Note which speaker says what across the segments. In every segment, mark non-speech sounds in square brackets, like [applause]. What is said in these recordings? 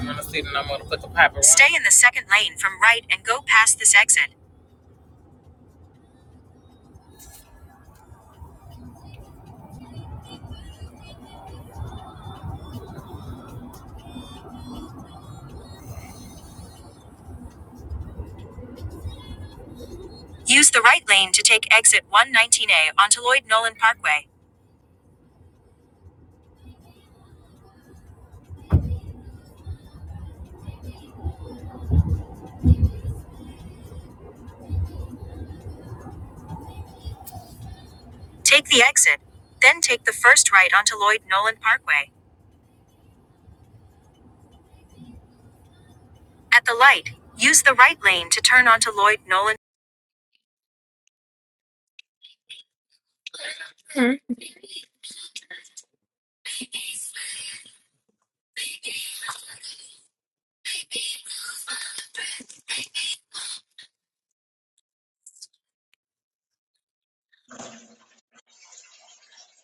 Speaker 1: I'm gonna see that I'm gonna put the pipe Stay in the second lane from right and go past this exit. Use the right lane to take exit 119A onto Lloyd Nolan Parkway. Take the exit, then take the first right onto Lloyd Nolan Parkway. At the light, use the right lane to turn onto Lloyd Nolan.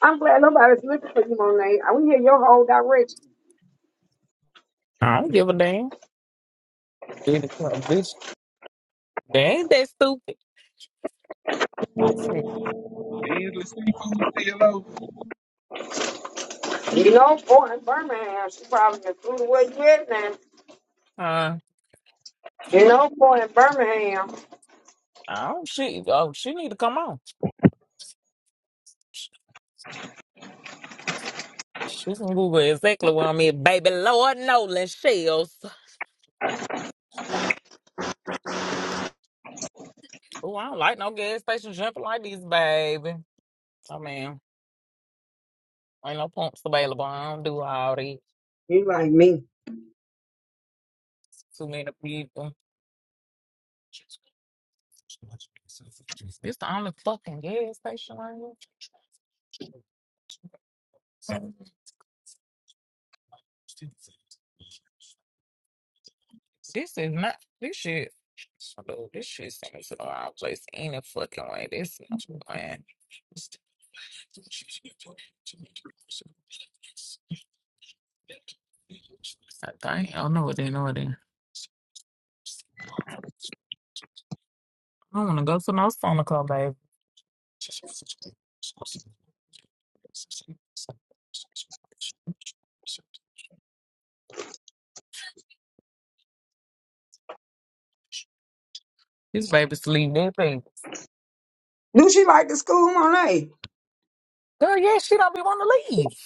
Speaker 2: I'm glad nobody's looking for you, Monet. I want to hear your whole direction.
Speaker 1: I don't give a damn. Be the club, Bitch, they ain't that stupid.
Speaker 3: endless people who still owe.
Speaker 2: You know, boy in Birmingham, she probably been through the food where you at now.
Speaker 1: Uh,
Speaker 2: You know, boy in Birmingham.
Speaker 1: I don't she oh she need to come on. She can Google exactly where I'm at, baby. Lord Nolan shells. Oh, I don't like no gas station jumping like this, baby. Oh man, ain't no pumps available. I don't do all these
Speaker 2: You-
Speaker 1: too many people. This the only fucking gas station right here. This is not this shit. Although this shit seems to the wrong place any fucking way. This is not plan. I think I don't know what they know what they. I don't want to go to no summer club, baby. This baby's leaving that baby.
Speaker 2: Do she like the school, Monet?
Speaker 1: Girl, yeah, she don't be want to leave.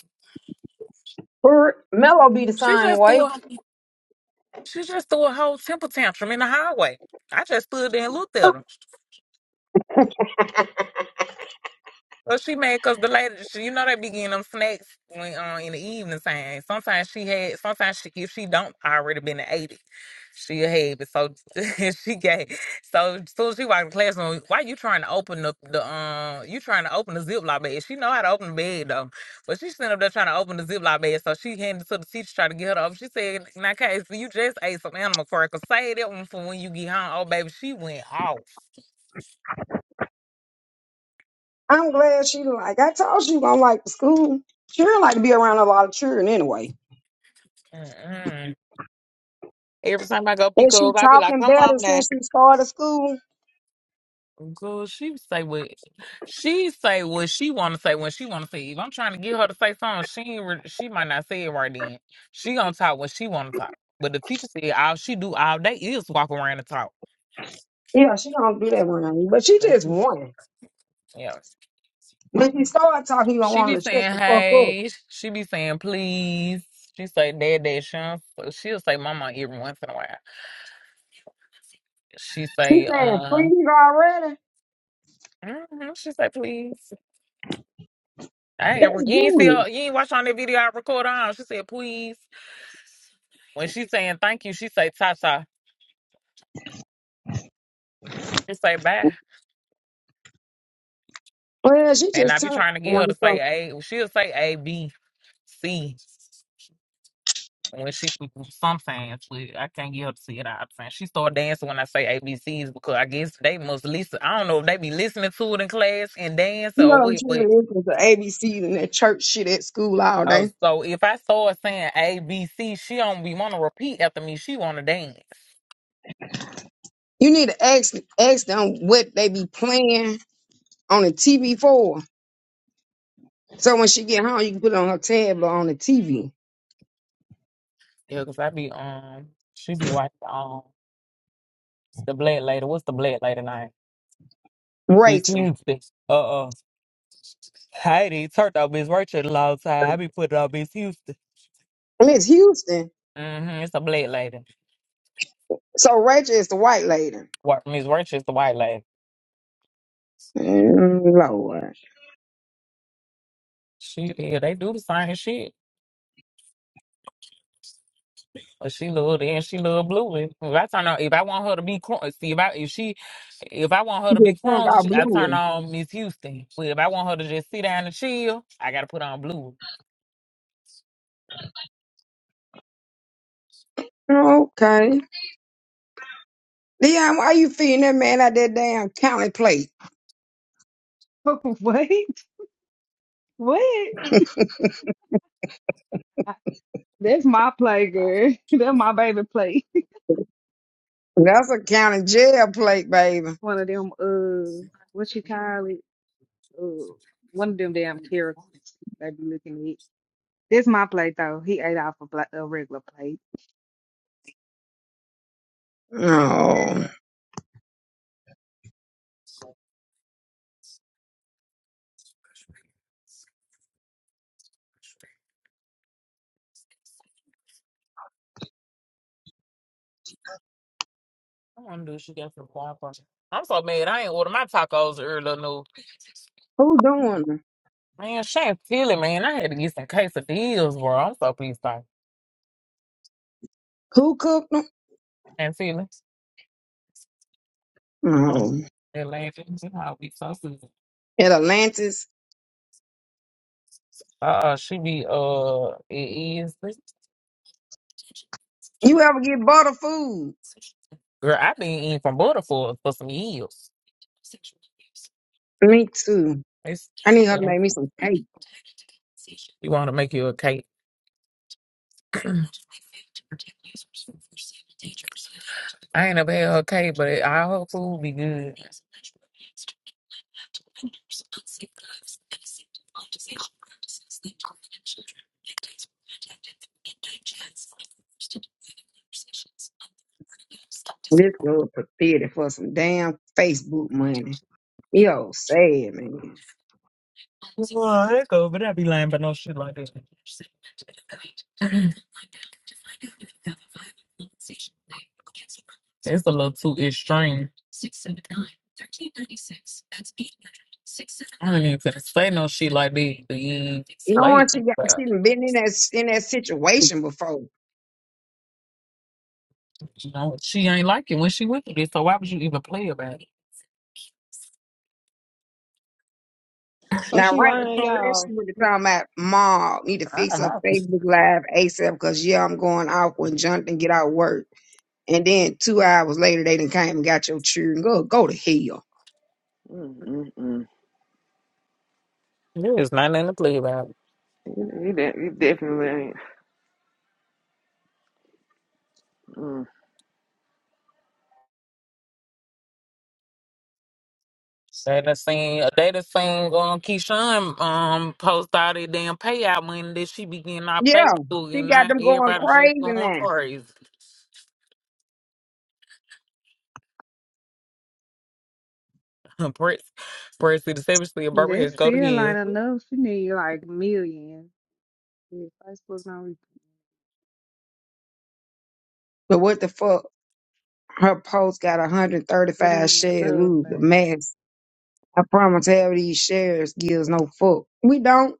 Speaker 2: Her Mello be the
Speaker 1: She
Speaker 2: same
Speaker 1: just threw
Speaker 2: way.
Speaker 1: a, she just threw a whole temper tantrum in the highway. I just stood there and looked at her. Well, she mad because the lady, she, you know, they be getting them snacks when uh, in the evening time. Sometimes she had, sometimes she, if she don't already been to 80, she'll have it. So [laughs] she gave, so soon as she walked in the classroom, why you trying to open up the, um, you trying to open the Ziploc bag? She know how to open the bag though, but she sitting up there trying to open the Ziploc bag. So she handed it to the teacher trying to get her to open. She said, now, Casey, you just ate some animal crackers. Say that one for when you get home. Oh, baby, she went off.
Speaker 2: I'm glad she like. I told she gonna like the school. She don't like to be around a lot of children anyway.
Speaker 1: Mm-mm. Every time I go pick
Speaker 2: And she
Speaker 1: her up, I be like,
Speaker 2: talking
Speaker 1: come on
Speaker 2: better
Speaker 1: now.
Speaker 2: since she started school.
Speaker 1: Girl, she say what she say what she want to say when she want to say. If I'm trying to get her to say something, she ain't re- she might not say it right then. She gonna talk what she want to talk. But the teacher said all she do all day is walk around and talk.
Speaker 2: Yeah, she don't do that
Speaker 1: That's
Speaker 2: around you, but she just
Speaker 1: it.
Speaker 2: won.
Speaker 1: Yeah,
Speaker 2: When she started talking, you don't
Speaker 1: she
Speaker 2: want
Speaker 1: be
Speaker 2: her to shut
Speaker 1: saying
Speaker 2: the fuck up.
Speaker 1: hey, she be saying please. She say dad, dad, Sean. So She'll say mama every once in a while. She
Speaker 2: She
Speaker 1: say
Speaker 2: saying
Speaker 1: um.
Speaker 2: freeze already.
Speaker 1: mhm, She say please. I ain't ever
Speaker 2: That's
Speaker 1: you ain't see
Speaker 2: good.
Speaker 1: her. You ain't watch on that video I record on. She said please. When she saying thank you, she say ta ta. She say bye.
Speaker 2: Well, she
Speaker 1: And I
Speaker 2: just
Speaker 1: be
Speaker 2: turned
Speaker 1: trying to get
Speaker 2: one,
Speaker 1: her to
Speaker 2: so
Speaker 1: say A. She'll say A, B, C. When she sometimes but I can't get her to see it all the time. She start dancing when I say A B C's because I guess they must listen. I don't know if they be listening to it in class and dance
Speaker 2: you know
Speaker 1: or
Speaker 2: them
Speaker 1: what, but
Speaker 2: children listen to ABCs and that church shit at school all
Speaker 1: oh,
Speaker 2: day.
Speaker 1: so if I start saying A B C, she don't be want to repeat after me. She want to dance.
Speaker 2: You need to ask ask them what they be playing on the TV for. So when she get home, you can put it on her tablet on the TV.
Speaker 1: Yeah, because I be um she be watching um the black lady. What's the black lady name? This
Speaker 2: Rachel,
Speaker 1: Houston. Uh uh Heidi turned out Miss Rachel a long time. I be putting on Miss Houston.
Speaker 2: Miss Houston.
Speaker 1: hmm It's a black lady.
Speaker 2: So Rachel is the white lady.
Speaker 1: What Miss Richards, the white lady.
Speaker 2: Mm, Lord,
Speaker 1: She yeah, they do the same shit. But she little and she little blue. If I turn on if I want her to be crunk, see if I if she if I want her
Speaker 2: she
Speaker 1: to be
Speaker 2: get drunk
Speaker 1: crunk,
Speaker 2: out
Speaker 1: she, I turn
Speaker 2: blue.
Speaker 1: on Miss Houston. But if I want her to just sit down and chill, I gotta put on blue.
Speaker 2: Okay, Leon, why you feeding that man out that damn county plate?
Speaker 4: [laughs] What? What? I- That's my play, girl. [laughs] That's my baby play.
Speaker 2: That's a county jail plate, baby.
Speaker 4: [laughs] One of them, uh, what you call it? Uh, one of them damn characters they be looking at. This my plate though. He ate off a, bla- a regular plate.
Speaker 2: Oh,
Speaker 1: I wonder if she got some guapo. I'm so mad. I ain't order my tacos earlier. No,
Speaker 2: who doing? it?
Speaker 1: man, she ain't feeling, man. I had to get some quesadillas, bro. I'm so pissed off.
Speaker 2: Who cooked them?
Speaker 1: And feeling
Speaker 2: No.
Speaker 1: that lady, she how we so
Speaker 2: At Atlantis.
Speaker 1: Uh, uh, she be uh, it is.
Speaker 2: You ever get butter food?
Speaker 1: Girl, I been eating from butter for for some years.
Speaker 2: Me too.
Speaker 1: It's
Speaker 2: I need her to make me
Speaker 1: you
Speaker 2: some cake.
Speaker 1: want to make you a cake. I ain't never had her cake, but all her food be good.
Speaker 2: This girl prepared for some damn Facebook money. Yo, sad man.
Speaker 1: It's a little too extreme. I ain't gonna say no shit like this to you.
Speaker 2: Knowing
Speaker 1: Hey,
Speaker 2: she got
Speaker 1: but,
Speaker 2: she done been in that in that situation before.
Speaker 1: you know, she ain't like it when she went through this, so why would you even play about
Speaker 5: So
Speaker 2: Now,
Speaker 5: she
Speaker 2: right
Speaker 5: lying,
Speaker 2: before that,
Speaker 5: y'all.
Speaker 2: she was talking about mom need to
Speaker 1: I
Speaker 2: fix
Speaker 1: don't
Speaker 2: her
Speaker 1: know.
Speaker 2: Facebook Live ASAP because yeah, I'm going off when Jonathan get out of work. And then two hours later, they done came and got your children. Go go to hell.
Speaker 5: Mm, mm, mm.
Speaker 1: There's nothing to play about.
Speaker 5: You, you de- you definitely ain't. Mm.
Speaker 1: Say the seen a data seen um Keyshawn um post all that damn payout money that she be getting our
Speaker 2: Yeah,
Speaker 1: pay through,
Speaker 2: she
Speaker 1: and
Speaker 2: got
Speaker 1: now
Speaker 2: them going
Speaker 1: everybody just
Speaker 2: crazy
Speaker 1: going
Speaker 2: now.
Speaker 1: crazy. [laughs] Huh, Brits, Brits, the Savage Lee, and
Speaker 4: That's
Speaker 1: Barberhead, go to
Speaker 4: still ain't
Speaker 1: hell.
Speaker 4: enough. She need like millions. Yeah, Facebook not re-
Speaker 2: But what the fuck? Her post got
Speaker 4: that
Speaker 2: 135
Speaker 4: ain't
Speaker 2: shares.
Speaker 4: enough,
Speaker 2: Ooh, the
Speaker 4: baby.
Speaker 2: max. I promise have these shares gives no fuck. We don't.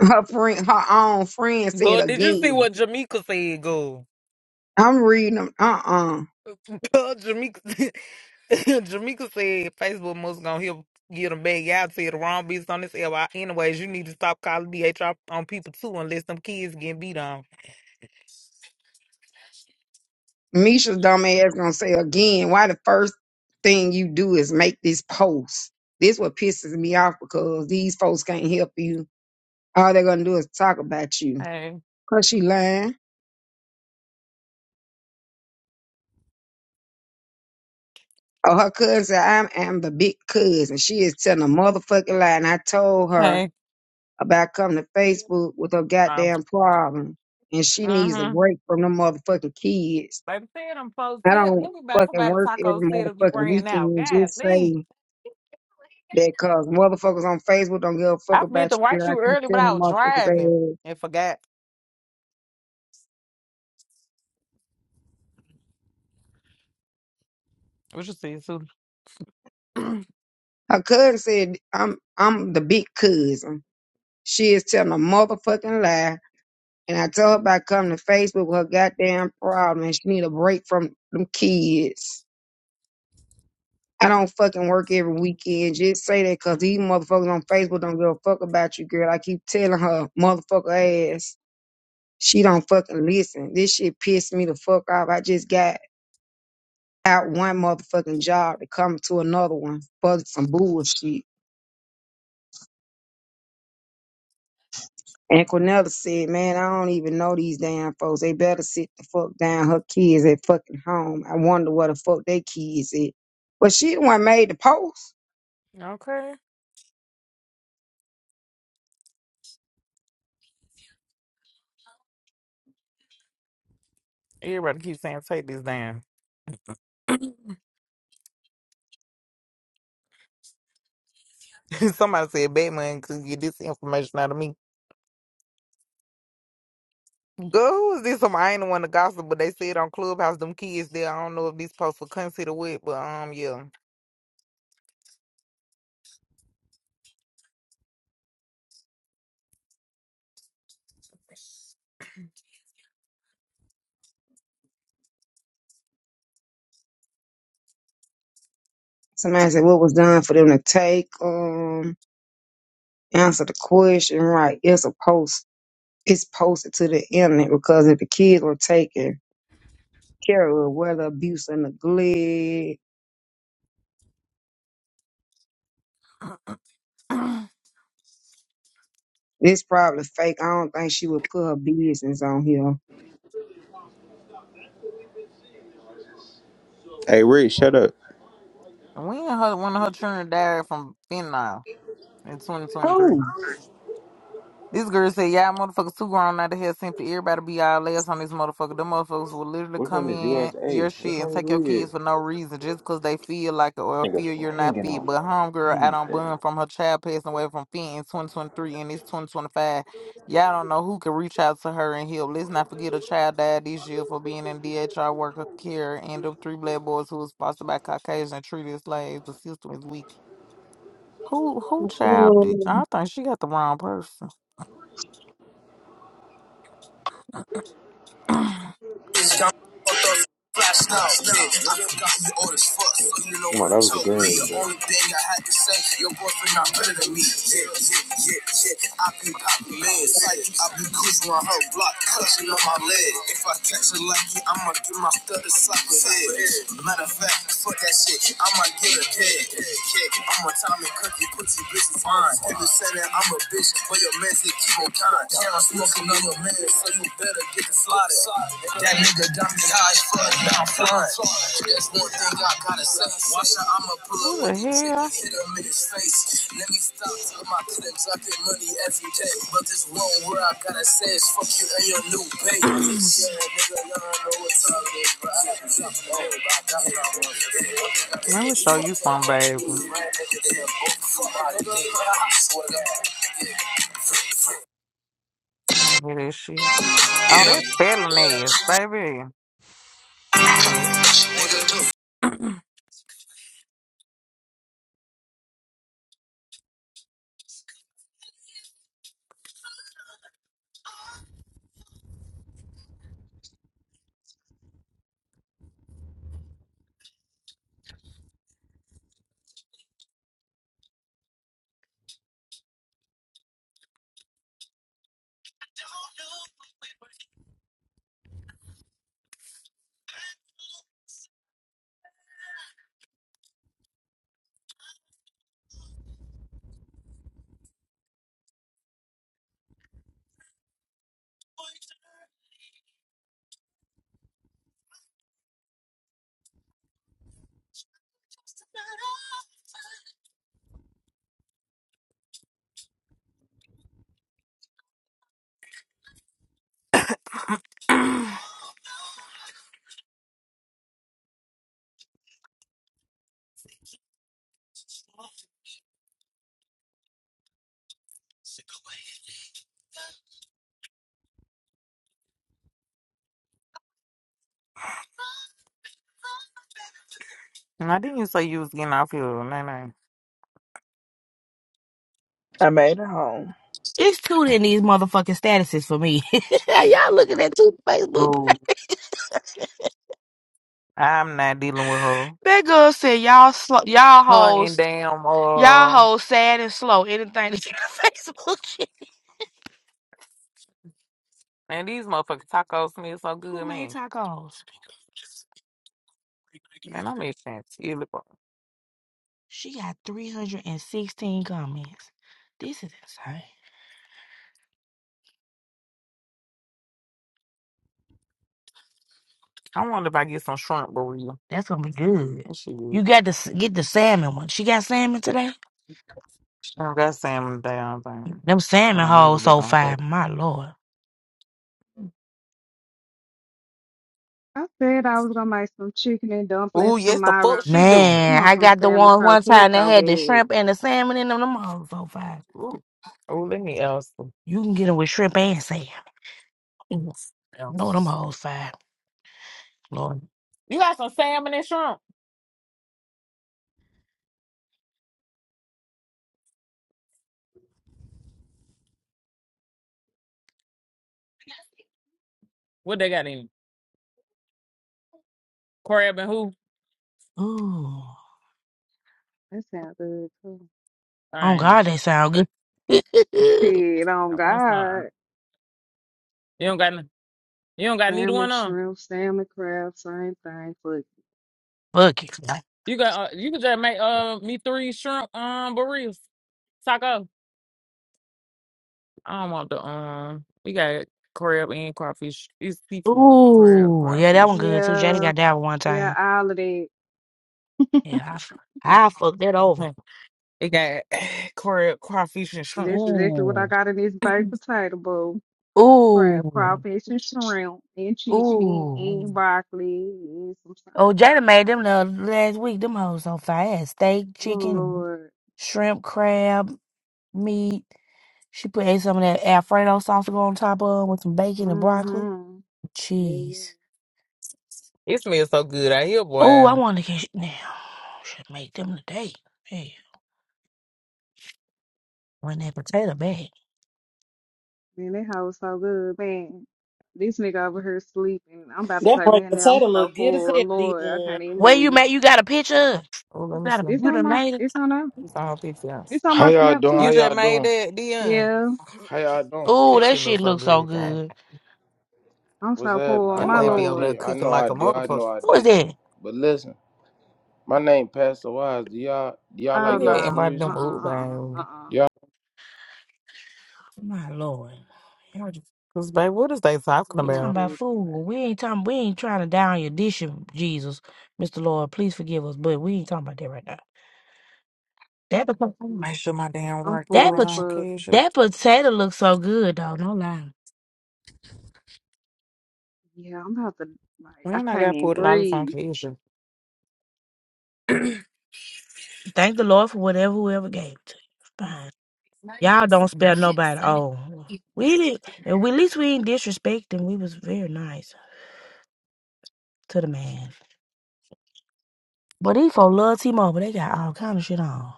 Speaker 2: Her friend, her own friend said
Speaker 1: Well, did you see
Speaker 2: again.
Speaker 1: what Jamaica said, go?
Speaker 2: I'm reading them. Uh-uh.
Speaker 1: [laughs] Jamaica, [laughs] Jamaica said Facebook must gonna help get them back. Y'all said the wrong beats on this LY. Anyways, you need to stop calling DHR on people too, unless them kids getting beat on.
Speaker 2: Misha's dumb ass gonna say again. Why the first thing you do is make this post? This what pisses me off because these folks can't help you. All they're gonna do is talk about you.
Speaker 1: Hey.
Speaker 2: Cause she lying. Oh, her cousin said, I am the big cousin. She is telling a motherfucking lie. And I told
Speaker 1: hey.
Speaker 2: her about coming to Facebook with her
Speaker 1: Oh.
Speaker 2: goddamn problem. And she needs a
Speaker 1: Uh-huh.
Speaker 2: break from them motherfucking kids.
Speaker 1: Baby said I'm supposed
Speaker 2: I
Speaker 1: to let
Speaker 2: don't
Speaker 1: me buy
Speaker 2: fucking
Speaker 1: somebody
Speaker 2: work every
Speaker 1: taco said if you
Speaker 2: motherfucking
Speaker 1: ran out.
Speaker 2: weekend.
Speaker 1: God
Speaker 2: Just
Speaker 1: Lee.
Speaker 2: say that cause motherfuckers on Facebook don't give a fuck
Speaker 1: I meant
Speaker 2: about
Speaker 1: to
Speaker 2: you,
Speaker 1: write
Speaker 2: girl. I
Speaker 1: you
Speaker 2: keep
Speaker 1: early but I
Speaker 2: telling
Speaker 1: was driving
Speaker 2: motherfuckers ass.
Speaker 1: and forgot. What you said, Sue?
Speaker 2: Her cousin said, I'm I'm the big cousin. She is telling a motherfucking lie And I told her about coming to Facebook with her goddamn problem and she need a break from them kids. I don't fucking work every weekend. Just say that because these motherfuckers on Facebook don't give a fuck about you, girl. I keep telling her, motherfucker ass. She don't fucking listen. This shit pissed me the fuck off. I just got out one motherfucking job to come to another one for some bullshit. And Cornelia said, Man, I don't even know these damn folks. They better sit the fuck down. Her kids at fucking home. I wonder what the fuck they kids at. But she the one made the post.
Speaker 1: Okay. Everybody keep saying take this down. [laughs] Somebody said Batman could get this information out of me. Girl, who is this? Somebody I ain't the one to gossip, but they said on Clubhouse them kids there. I don't know if these posts will consider what, but um yeah.
Speaker 2: Somebody said, What was done for them to take? Um, answer the question right. It's a post. It's posted to the internet because if the kids were taken care of, whether abuse or neglect, this probably fake. I don't think she would put her business on here.
Speaker 6: Hey, Rick, shut up.
Speaker 1: And we and her one of her children died from fentanyl in 2023.
Speaker 2: Oh,
Speaker 1: This girl said, Y'all motherfuckers too grown out of here simply everybody be all ass on this motherfucker. Them motherfuckers will literally
Speaker 6: Which one
Speaker 1: come
Speaker 6: is
Speaker 1: in
Speaker 6: USA?
Speaker 1: your
Speaker 6: Which
Speaker 1: shit and
Speaker 6: one is
Speaker 1: take your
Speaker 6: we at?
Speaker 1: kids for no reason just because they feel like it or
Speaker 6: Nigga
Speaker 1: feel you're not
Speaker 6: banging
Speaker 1: fit.
Speaker 6: on
Speaker 1: But homegirl out
Speaker 6: anything.
Speaker 1: on bun from her child passing away from fit in 2023 and it's 2025. Y'all don't know who can reach out to her and help. Let's not forget a child died this year for being in DHR worker care and of three black boys who was fostered by Caucasian and treated as slaves. The system is weak. Who who child did I
Speaker 2: um,
Speaker 1: think she got the wrong person. [clears throat]
Speaker 7: i Flash now, bitch. You got me old as fuck, so you know
Speaker 6: Come on,
Speaker 7: what
Speaker 6: that was a
Speaker 7: told me.
Speaker 6: green,
Speaker 7: The
Speaker 6: bro.
Speaker 7: only thing I had to say, your boyfriend not better than me. Yeah, yeah, yeah, yeah. I be poppin' meds, like I be cruising on her block, clutching on my leg. If I catch her lucky, I'ma get my thug a soccer head. Matter of fact, fuck that shit, I'ma get a head. Yeah, I'm a Tommy Cookie, put you bitches fine. If you say that I'm a bitch, but your man say keep on kind. Yeah, I'm smoking on your man, so you better get the slotted. That nigga got me high as fuck, now I'm flying. That's one thing I gotta say. Watch out, I'ma pull up
Speaker 1: Who the
Speaker 7: with the chick
Speaker 1: hell?
Speaker 7: and hit him in his face. Let me stop talking my clips, I get money every day. But this one word I gotta say is fuck you and your new baby,
Speaker 1: [clears throat]
Speaker 7: bitch. Yeah, nigga, y'all know what time it is, bro. I got to talk I got what I want to do. All they gotta
Speaker 1: Let
Speaker 7: say
Speaker 1: me
Speaker 7: is
Speaker 1: show
Speaker 7: fuck
Speaker 1: you
Speaker 7: that
Speaker 1: some,
Speaker 7: other
Speaker 1: baby. I
Speaker 7: dude, right? Nigga, they a book. Fuck out of here. I swear to God.
Speaker 1: don't hear that shit. Oh,
Speaker 7: Yeah,
Speaker 1: that's felon ass, baby. I hear
Speaker 7: what it do?
Speaker 1: that. [clears throat] now, didn't you say you was getting off here? No, no.
Speaker 8: I made it home.
Speaker 9: It's cute in these motherfucking statuses for me. [laughs] y'all looking at two Facebook. [laughs]
Speaker 1: Dude, I'm not dealing with her.
Speaker 9: That girl said y'all slow y'all
Speaker 1: Her and
Speaker 9: hoes
Speaker 1: damn,
Speaker 9: y'all
Speaker 1: uh,
Speaker 9: hoes sad and slow. Anything that's in the [laughs] Facebook shit.
Speaker 1: and these motherfucking tacos smell so
Speaker 9: Who
Speaker 1: good,
Speaker 9: made
Speaker 1: man.
Speaker 9: tacos?
Speaker 1: Man, I'm itching. chili, bro.
Speaker 9: She got 316 comments. This is insane.
Speaker 1: I wonder if I get some shrimp burrito.
Speaker 9: That's gonna be good.
Speaker 1: That shit good.
Speaker 9: You got to s- get the salmon one. She got salmon today?
Speaker 1: She don't got salmon damn thing.
Speaker 9: Them
Speaker 1: Hold
Speaker 9: salmon
Speaker 1: on, let me go
Speaker 9: hoes
Speaker 1: back
Speaker 9: so
Speaker 1: on her
Speaker 9: fire.
Speaker 1: face.
Speaker 9: My lord.
Speaker 4: I said I was gonna make some chicken and dumplings
Speaker 1: Ooh, yes, the
Speaker 4: tomorrow.
Speaker 1: fuck she
Speaker 4: but
Speaker 1: do.
Speaker 4: I
Speaker 9: Man,
Speaker 4: want
Speaker 9: I
Speaker 4: some
Speaker 9: got the
Speaker 4: salmon
Speaker 9: ones one
Speaker 4: croquettes
Speaker 9: time that
Speaker 4: so
Speaker 9: had the
Speaker 4: bad.
Speaker 9: shrimp and the salmon in them. Them hoes so fire. Ooh.
Speaker 1: Ooh, let me ask her.
Speaker 9: You can get them with shrimp and salmon. Ooh, Know them hoes fine, Lord.
Speaker 1: You got some salmon and shrimp. What they got in? Crab and who?
Speaker 9: Ooh,
Speaker 4: That sounds good too.
Speaker 1: I
Speaker 9: oh
Speaker 1: ain't.
Speaker 9: God, they sound good. [laughs]
Speaker 4: Shit, on
Speaker 1: I want
Speaker 4: God.
Speaker 1: some. You don't got. n- You don't got neither
Speaker 4: Salmon,
Speaker 1: one on.
Speaker 4: shrimp, salmon, crab, same thing. Fuck.
Speaker 9: Fuck it.
Speaker 1: You got. Uh, you could just make uh me three shrimp um burritos taco. I don't want the um. We got crab and crawfish. It's seafood. Crab,
Speaker 9: Ooh, yeah, that one
Speaker 1: crawfish.
Speaker 9: good too. Jada
Speaker 4: Yeah,
Speaker 9: got that one one
Speaker 4: yeah,
Speaker 9: time.
Speaker 4: all of that.
Speaker 9: Yeah, I, f- I fucked that
Speaker 1: [laughs]
Speaker 9: over.
Speaker 1: it got [sighs] crab, crawfish and shrimp.
Speaker 4: That's exactly what I
Speaker 9: Ooh,
Speaker 4: got in this baked potato bowl. Crab,
Speaker 9: ooh,
Speaker 4: crawfish, and shrimp, and chicken,
Speaker 9: ooh.
Speaker 4: and broccoli, and some salad.
Speaker 9: Oh, Jada made them the last week. Them hoes so fire. Steak,
Speaker 4: Oh,
Speaker 9: chicken,
Speaker 4: Lord.
Speaker 9: shrimp, crab, meat. She put ate some of that Alfredo sauce to go on top of 'em with some bacon and broccoli.
Speaker 4: Mm-hmm. Yeah, yeah.
Speaker 9: Cheese.
Speaker 1: It smells so good out here,
Speaker 9: Oh, I
Speaker 1: boy.
Speaker 9: want to get now. Should make them today. Hey, when that potato bag.
Speaker 4: Man, that hoe was so good, man. This nigga over here sleeping. I'm about to
Speaker 10: That
Speaker 4: take
Speaker 10: boy
Speaker 4: me in there. I'm
Speaker 10: potato
Speaker 4: so
Speaker 10: look good as
Speaker 4: full.
Speaker 10: hell,
Speaker 4: Lord, I
Speaker 10: Dion.
Speaker 4: can't even
Speaker 9: Where you
Speaker 4: move.
Speaker 9: made? You got a picture? of?
Speaker 1: Oh,
Speaker 9: You
Speaker 1: let me
Speaker 9: got
Speaker 1: see.
Speaker 9: a?
Speaker 4: It's
Speaker 9: You
Speaker 4: on
Speaker 9: done
Speaker 4: my,
Speaker 9: made it?
Speaker 4: it's on our,
Speaker 1: It's all pictures.
Speaker 4: it's on
Speaker 11: How
Speaker 4: my
Speaker 11: y'all
Speaker 4: snap
Speaker 11: doing? How
Speaker 1: You
Speaker 4: too.
Speaker 1: just
Speaker 11: y'all
Speaker 1: made
Speaker 11: doing?
Speaker 1: that, Dion.
Speaker 4: Yeah.
Speaker 11: How y'all doing?
Speaker 9: Oh,
Speaker 1: This
Speaker 9: that
Speaker 1: shit
Speaker 9: shit
Speaker 1: looks so
Speaker 9: looks so
Speaker 1: good. God,
Speaker 9: good.
Speaker 4: I'm
Speaker 11: What's
Speaker 4: so
Speaker 11: happening?
Speaker 4: full,
Speaker 11: I
Speaker 1: your
Speaker 4: my
Speaker 11: know
Speaker 1: way
Speaker 11: I
Speaker 1: be over
Speaker 4: lord.
Speaker 1: there
Speaker 11: did. I
Speaker 1: cooking
Speaker 11: know
Speaker 1: like
Speaker 11: I
Speaker 1: a
Speaker 11: did. I
Speaker 1: motherfucker.
Speaker 11: know I
Speaker 9: Who is
Speaker 11: did.
Speaker 9: that?
Speaker 11: But listen, my name Pastor Wise. Do y'all do y'all
Speaker 4: Oh
Speaker 1: Who
Speaker 11: like
Speaker 1: had
Speaker 11: gospel
Speaker 4: no,
Speaker 1: invited
Speaker 4: uh uh
Speaker 11: music?
Speaker 1: them up,
Speaker 4: uh uh
Speaker 1: baby?
Speaker 4: uh uh.
Speaker 9: My lord. Y'all just-
Speaker 1: Cause, babe, what is they talking
Speaker 9: We
Speaker 4: Come
Speaker 9: talking
Speaker 4: on,
Speaker 1: about?
Speaker 4: here
Speaker 9: about
Speaker 4: with you,
Speaker 9: food. We
Speaker 4: baby.
Speaker 9: ain't talking. We ain't trying to down your dish, Jesus, Mister Lord. Please forgive us, but we ain't talking about that right now. That pot-
Speaker 1: I'm gonna
Speaker 4: Mm,
Speaker 1: make sure my damn
Speaker 4: I'm
Speaker 1: work
Speaker 9: that
Speaker 4: full
Speaker 1: card
Speaker 4: as
Speaker 9: pot-
Speaker 1: on
Speaker 4: fuck.
Speaker 1: Kesha.
Speaker 9: that potato looks so good, though. No lie.
Speaker 4: Yeah, I'm about to like I
Speaker 1: When I
Speaker 4: can't
Speaker 1: got
Speaker 4: even
Speaker 1: put it all this on
Speaker 4: breathe.
Speaker 1: Kesha.
Speaker 9: Thank the Lord for whatever whoever gave it to you. Y'all don't spare nobody. Oh, we didn't. At least we didn't disrespect him. We was very nice to the man. But these folks love T-Mobile. They got all kind of shit on,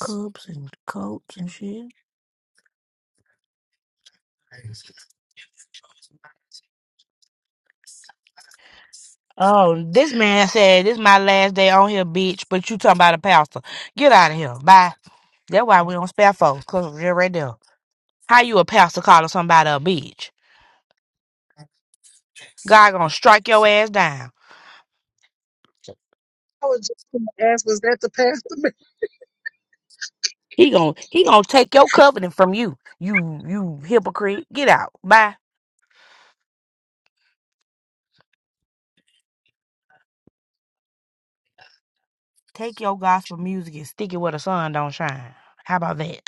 Speaker 9: cups and coats and shit. Oh, this man said this my last day on here, bitch. But you talking about a pastor? Get out of here. Bye. That's why we don't spare folks. Cause of you right there. How you a pastor calling somebody a bitch? God gonna strike your ass down.
Speaker 12: I was just gonna ask, was that the pastor? [laughs]
Speaker 9: He gonna he gonna take your covenant from you. You you hypocrite. Get out. Bye. Take your gospel music and stick it where the sun don't shine. How about that?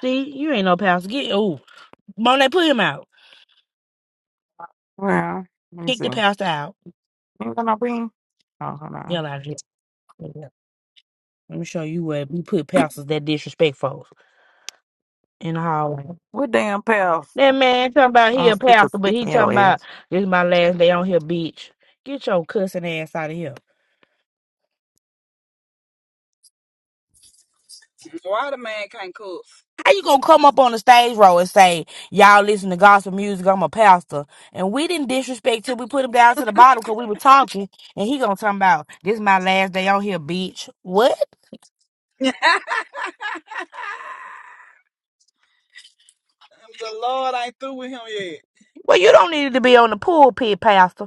Speaker 9: See, you ain't no pastor. Get ooh, Monet, put him out.
Speaker 1: Well, let me
Speaker 9: Kick
Speaker 1: see.
Speaker 9: the
Speaker 1: You
Speaker 9: pastor out.
Speaker 1: gonna ring? Oh, hold on.
Speaker 9: Hell out of here. Yeah. Let me show you where we put pastors that disrespectful in the hallway.
Speaker 1: What damn pals?
Speaker 9: That man talking about
Speaker 1: I
Speaker 9: he
Speaker 1: don't
Speaker 9: a
Speaker 1: speak of
Speaker 9: pastor, but he
Speaker 1: speaking your
Speaker 9: talking about
Speaker 1: ass.
Speaker 9: this is my last day on here, bitch. Get your cussing ass out of here.
Speaker 13: Why the man can't cook?
Speaker 9: How you gonna come up on the stage row and say, Y'all listen to gospel music, I'm a pastor. And we didn't disrespect till we put him down to the bottom because we were talking and he gonna talk about this my last day on here, bitch. What?
Speaker 13: [laughs] The Lord ain't through with him yet.
Speaker 9: Well, you don't need to be on the pulpit, Pastor.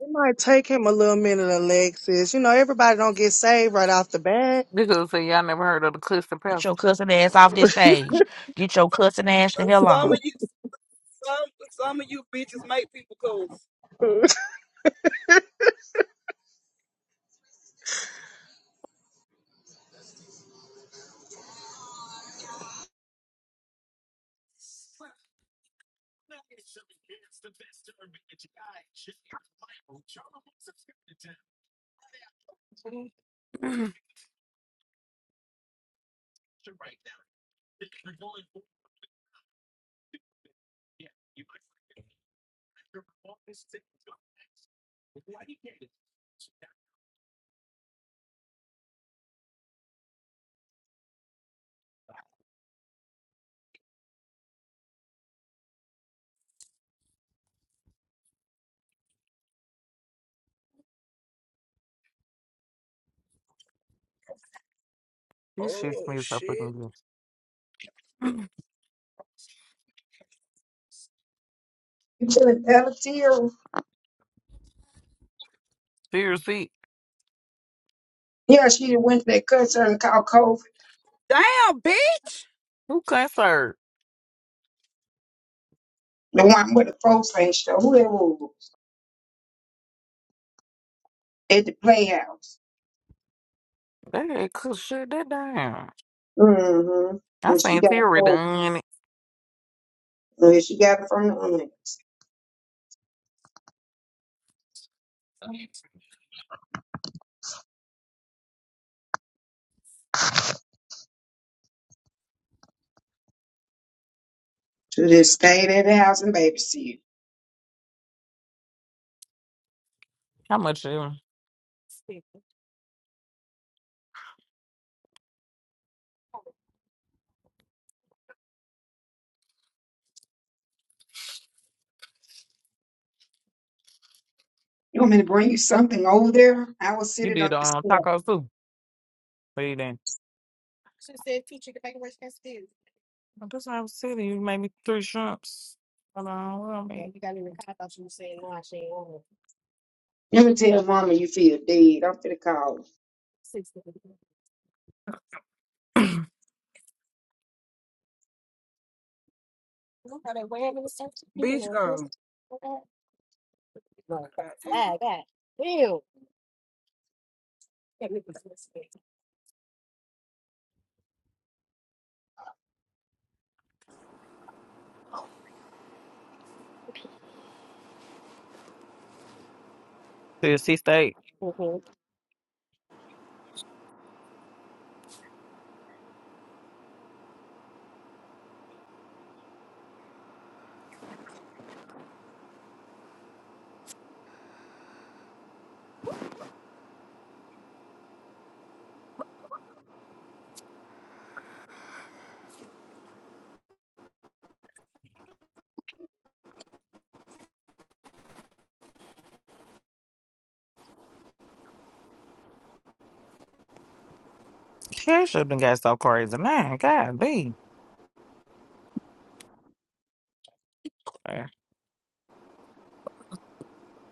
Speaker 12: It might take him a little minute, Alexis. You know, everybody don't get saved right off the bat.
Speaker 1: Because say y'all never heard of the Clifton
Speaker 9: Get
Speaker 1: Pals.
Speaker 9: your cussing ass off this stage. Get your cussing ass
Speaker 13: Uh,
Speaker 9: the hell
Speaker 13: Some
Speaker 9: on.
Speaker 13: of you, some, some of you bitches make people cook.
Speaker 1: This shit
Speaker 13: oh
Speaker 1: smells so fucking
Speaker 13: shit.
Speaker 1: good.
Speaker 2: you telling Ella
Speaker 1: Seriously,
Speaker 2: Yeah, she the went to that concert called COVID,
Speaker 13: Damn, bitch.
Speaker 1: who cancer?
Speaker 2: the one with the folks ain't show, whoever it was, at the Playhouse.
Speaker 1: They had cook shit that down.
Speaker 2: Mm-hmm.
Speaker 1: I
Speaker 2: And she
Speaker 1: seen
Speaker 2: got
Speaker 1: Terry
Speaker 2: COVID.
Speaker 1: done it.
Speaker 2: And she got it from the aunts. She just stayed at the house and babysit.
Speaker 1: How much you,
Speaker 2: You want me to bring you something over there? I will sit
Speaker 1: you
Speaker 2: it on
Speaker 1: did
Speaker 2: the
Speaker 1: um
Speaker 2: step.
Speaker 1: tacos too? What you done? Well, That's what I was telling you. You made me three shrimps. Hold on, what am I? mean?
Speaker 2: Let me tell mama you feel dead. I'm finna call. her.
Speaker 13: Bitch, go. Goddamn.
Speaker 1: To the Sea steak. Shit, should have got so crazy, man. God, be.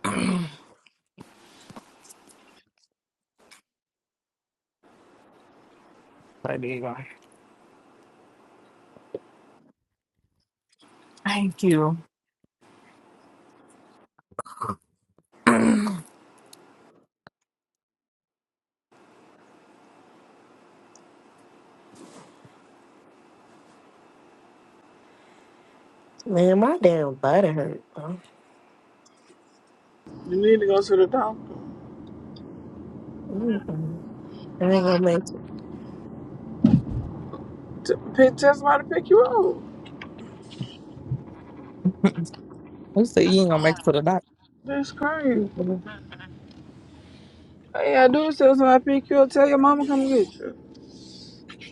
Speaker 1: [clears throat] Like, there you go. [clears throat] Thank you. Who
Speaker 14: Man, my damn body hurt, bro.
Speaker 8: You need to go to the doctor.
Speaker 14: Mm-mm. I ain't gonna make it.
Speaker 8: T- pick, tell somebody to pick you up.
Speaker 1: said you ain't gonna make it to the doctor?
Speaker 8: That's crazy.
Speaker 14: Mm-mm.
Speaker 8: All you gotta do is tell somebody to pick you up. Tell your mama come get you.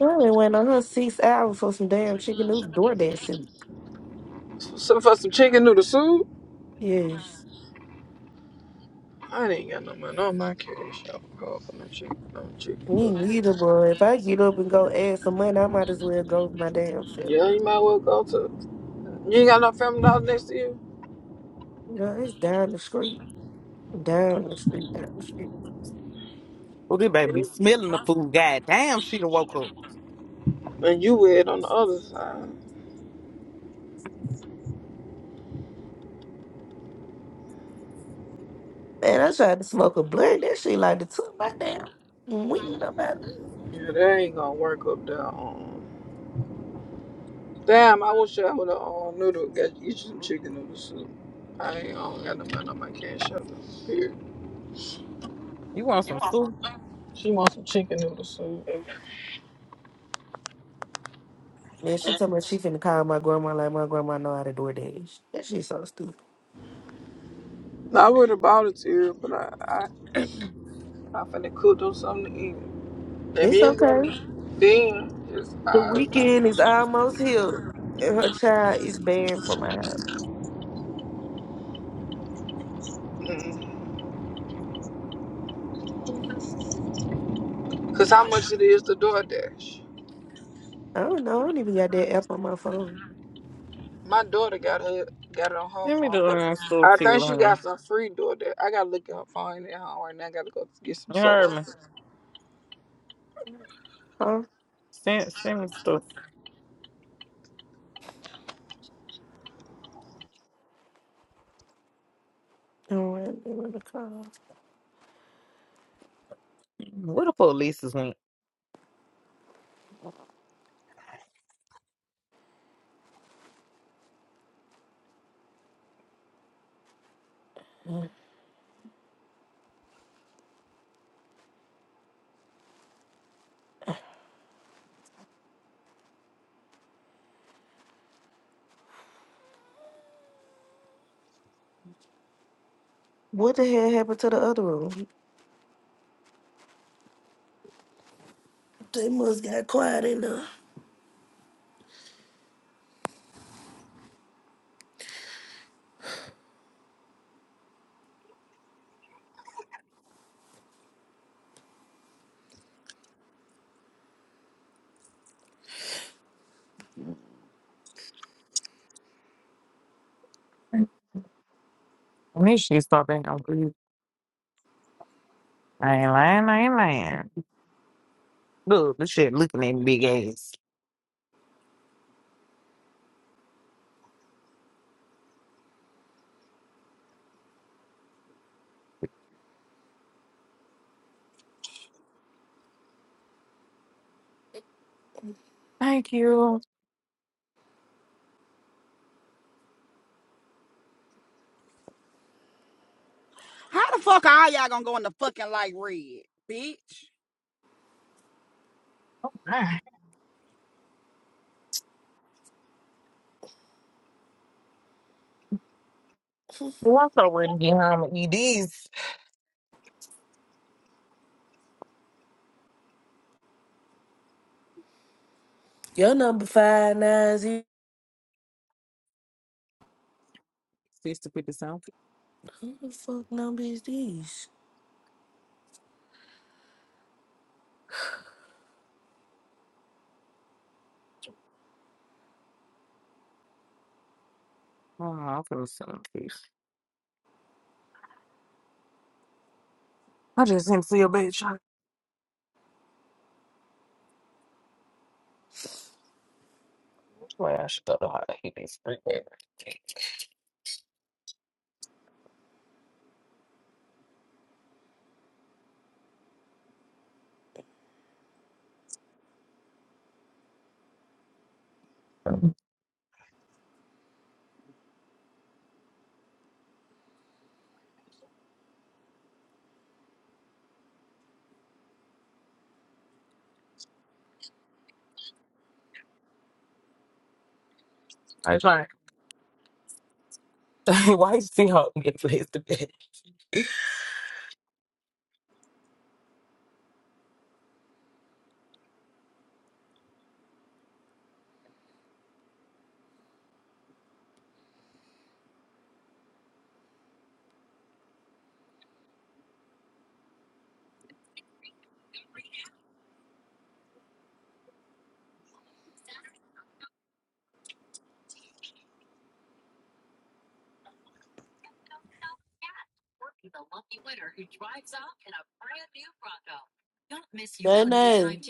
Speaker 14: I only went on her six hours for some damn chicken noodle DoorDash soup.
Speaker 8: So for some chicken noodle soup.
Speaker 14: Yes.
Speaker 8: I ain't got no money on my cash. I'm call for no chicken, no chicken
Speaker 14: Me
Speaker 8: noodle
Speaker 14: neither,
Speaker 8: soup.
Speaker 14: bro. If I get up and go add some money, I might as well go my damn self.
Speaker 8: Yeah, you might well go to. You ain't got no family dollar next to you.
Speaker 14: You know, it's down the street. Down the street, down the street.
Speaker 1: Well, this
Speaker 8: And
Speaker 1: baby be
Speaker 8: you
Speaker 1: smelling the food. God damn, she done woke up.
Speaker 8: and you wed on the other side.
Speaker 14: Man, I tried to smoke a blunt. That shit like the took my damn weed up out of me.
Speaker 8: Yeah, that ain't gonna work up there. Damn, I wish I would have um, noodle got you some chicken noodle soup. I ain't I don't got no money on my cash app. Here.
Speaker 1: You want some soup?
Speaker 8: She wants some chicken noodle soup.
Speaker 14: Then she told me she finna call my grandma like my grandma know how to DoorDash. That shit so stupid.
Speaker 8: I would have bought it to her, but I I, I finna cook them something to eat. If you
Speaker 14: It's
Speaker 8: ain't
Speaker 14: okay.
Speaker 8: got it, then just
Speaker 14: The
Speaker 8: I,
Speaker 14: weekend is almost here, and her child is banned from my house.
Speaker 8: mm. Cause how much it is to DoorDash?
Speaker 14: I don't know. I don't even got that app on my phone.
Speaker 8: My daughter got her got it on her
Speaker 1: Give me
Speaker 8: phone,
Speaker 1: the
Speaker 8: but
Speaker 1: uh, soup
Speaker 8: I
Speaker 1: to you,
Speaker 8: think she
Speaker 1: honey.
Speaker 8: got some free DoorDash. I gotta look at her phone at home right now. I gotta go get some
Speaker 1: You heard
Speaker 8: soda.
Speaker 1: me.
Speaker 14: Huh?
Speaker 1: Send send stuff.
Speaker 14: All right, they want to call.
Speaker 1: Where the police is when
Speaker 14: What the hell happened to the other room? They must got quiet in there.
Speaker 1: When she start being on grief. I ain't lying, I ain't lying. Look, this shit looking at big ass. Thank you. [sighs]
Speaker 13: How the fuck are all y'all gonna go in the fucking light red, bitch?
Speaker 1: Ah, Well, I thought we'd get home and eat these.
Speaker 14: Your number five nine zero.
Speaker 1: Sister put the sound.
Speaker 14: Who the fuck number is these?
Speaker 1: Oh, I'm finna send them to I just sent to your bitch. Man, I should go to her. He needs to sleep. I trying. [laughs] Why you see her get placed to bed?
Speaker 14: Nine nine.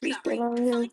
Speaker 14: Speak that on here.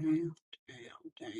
Speaker 13: Damn, damn, damn.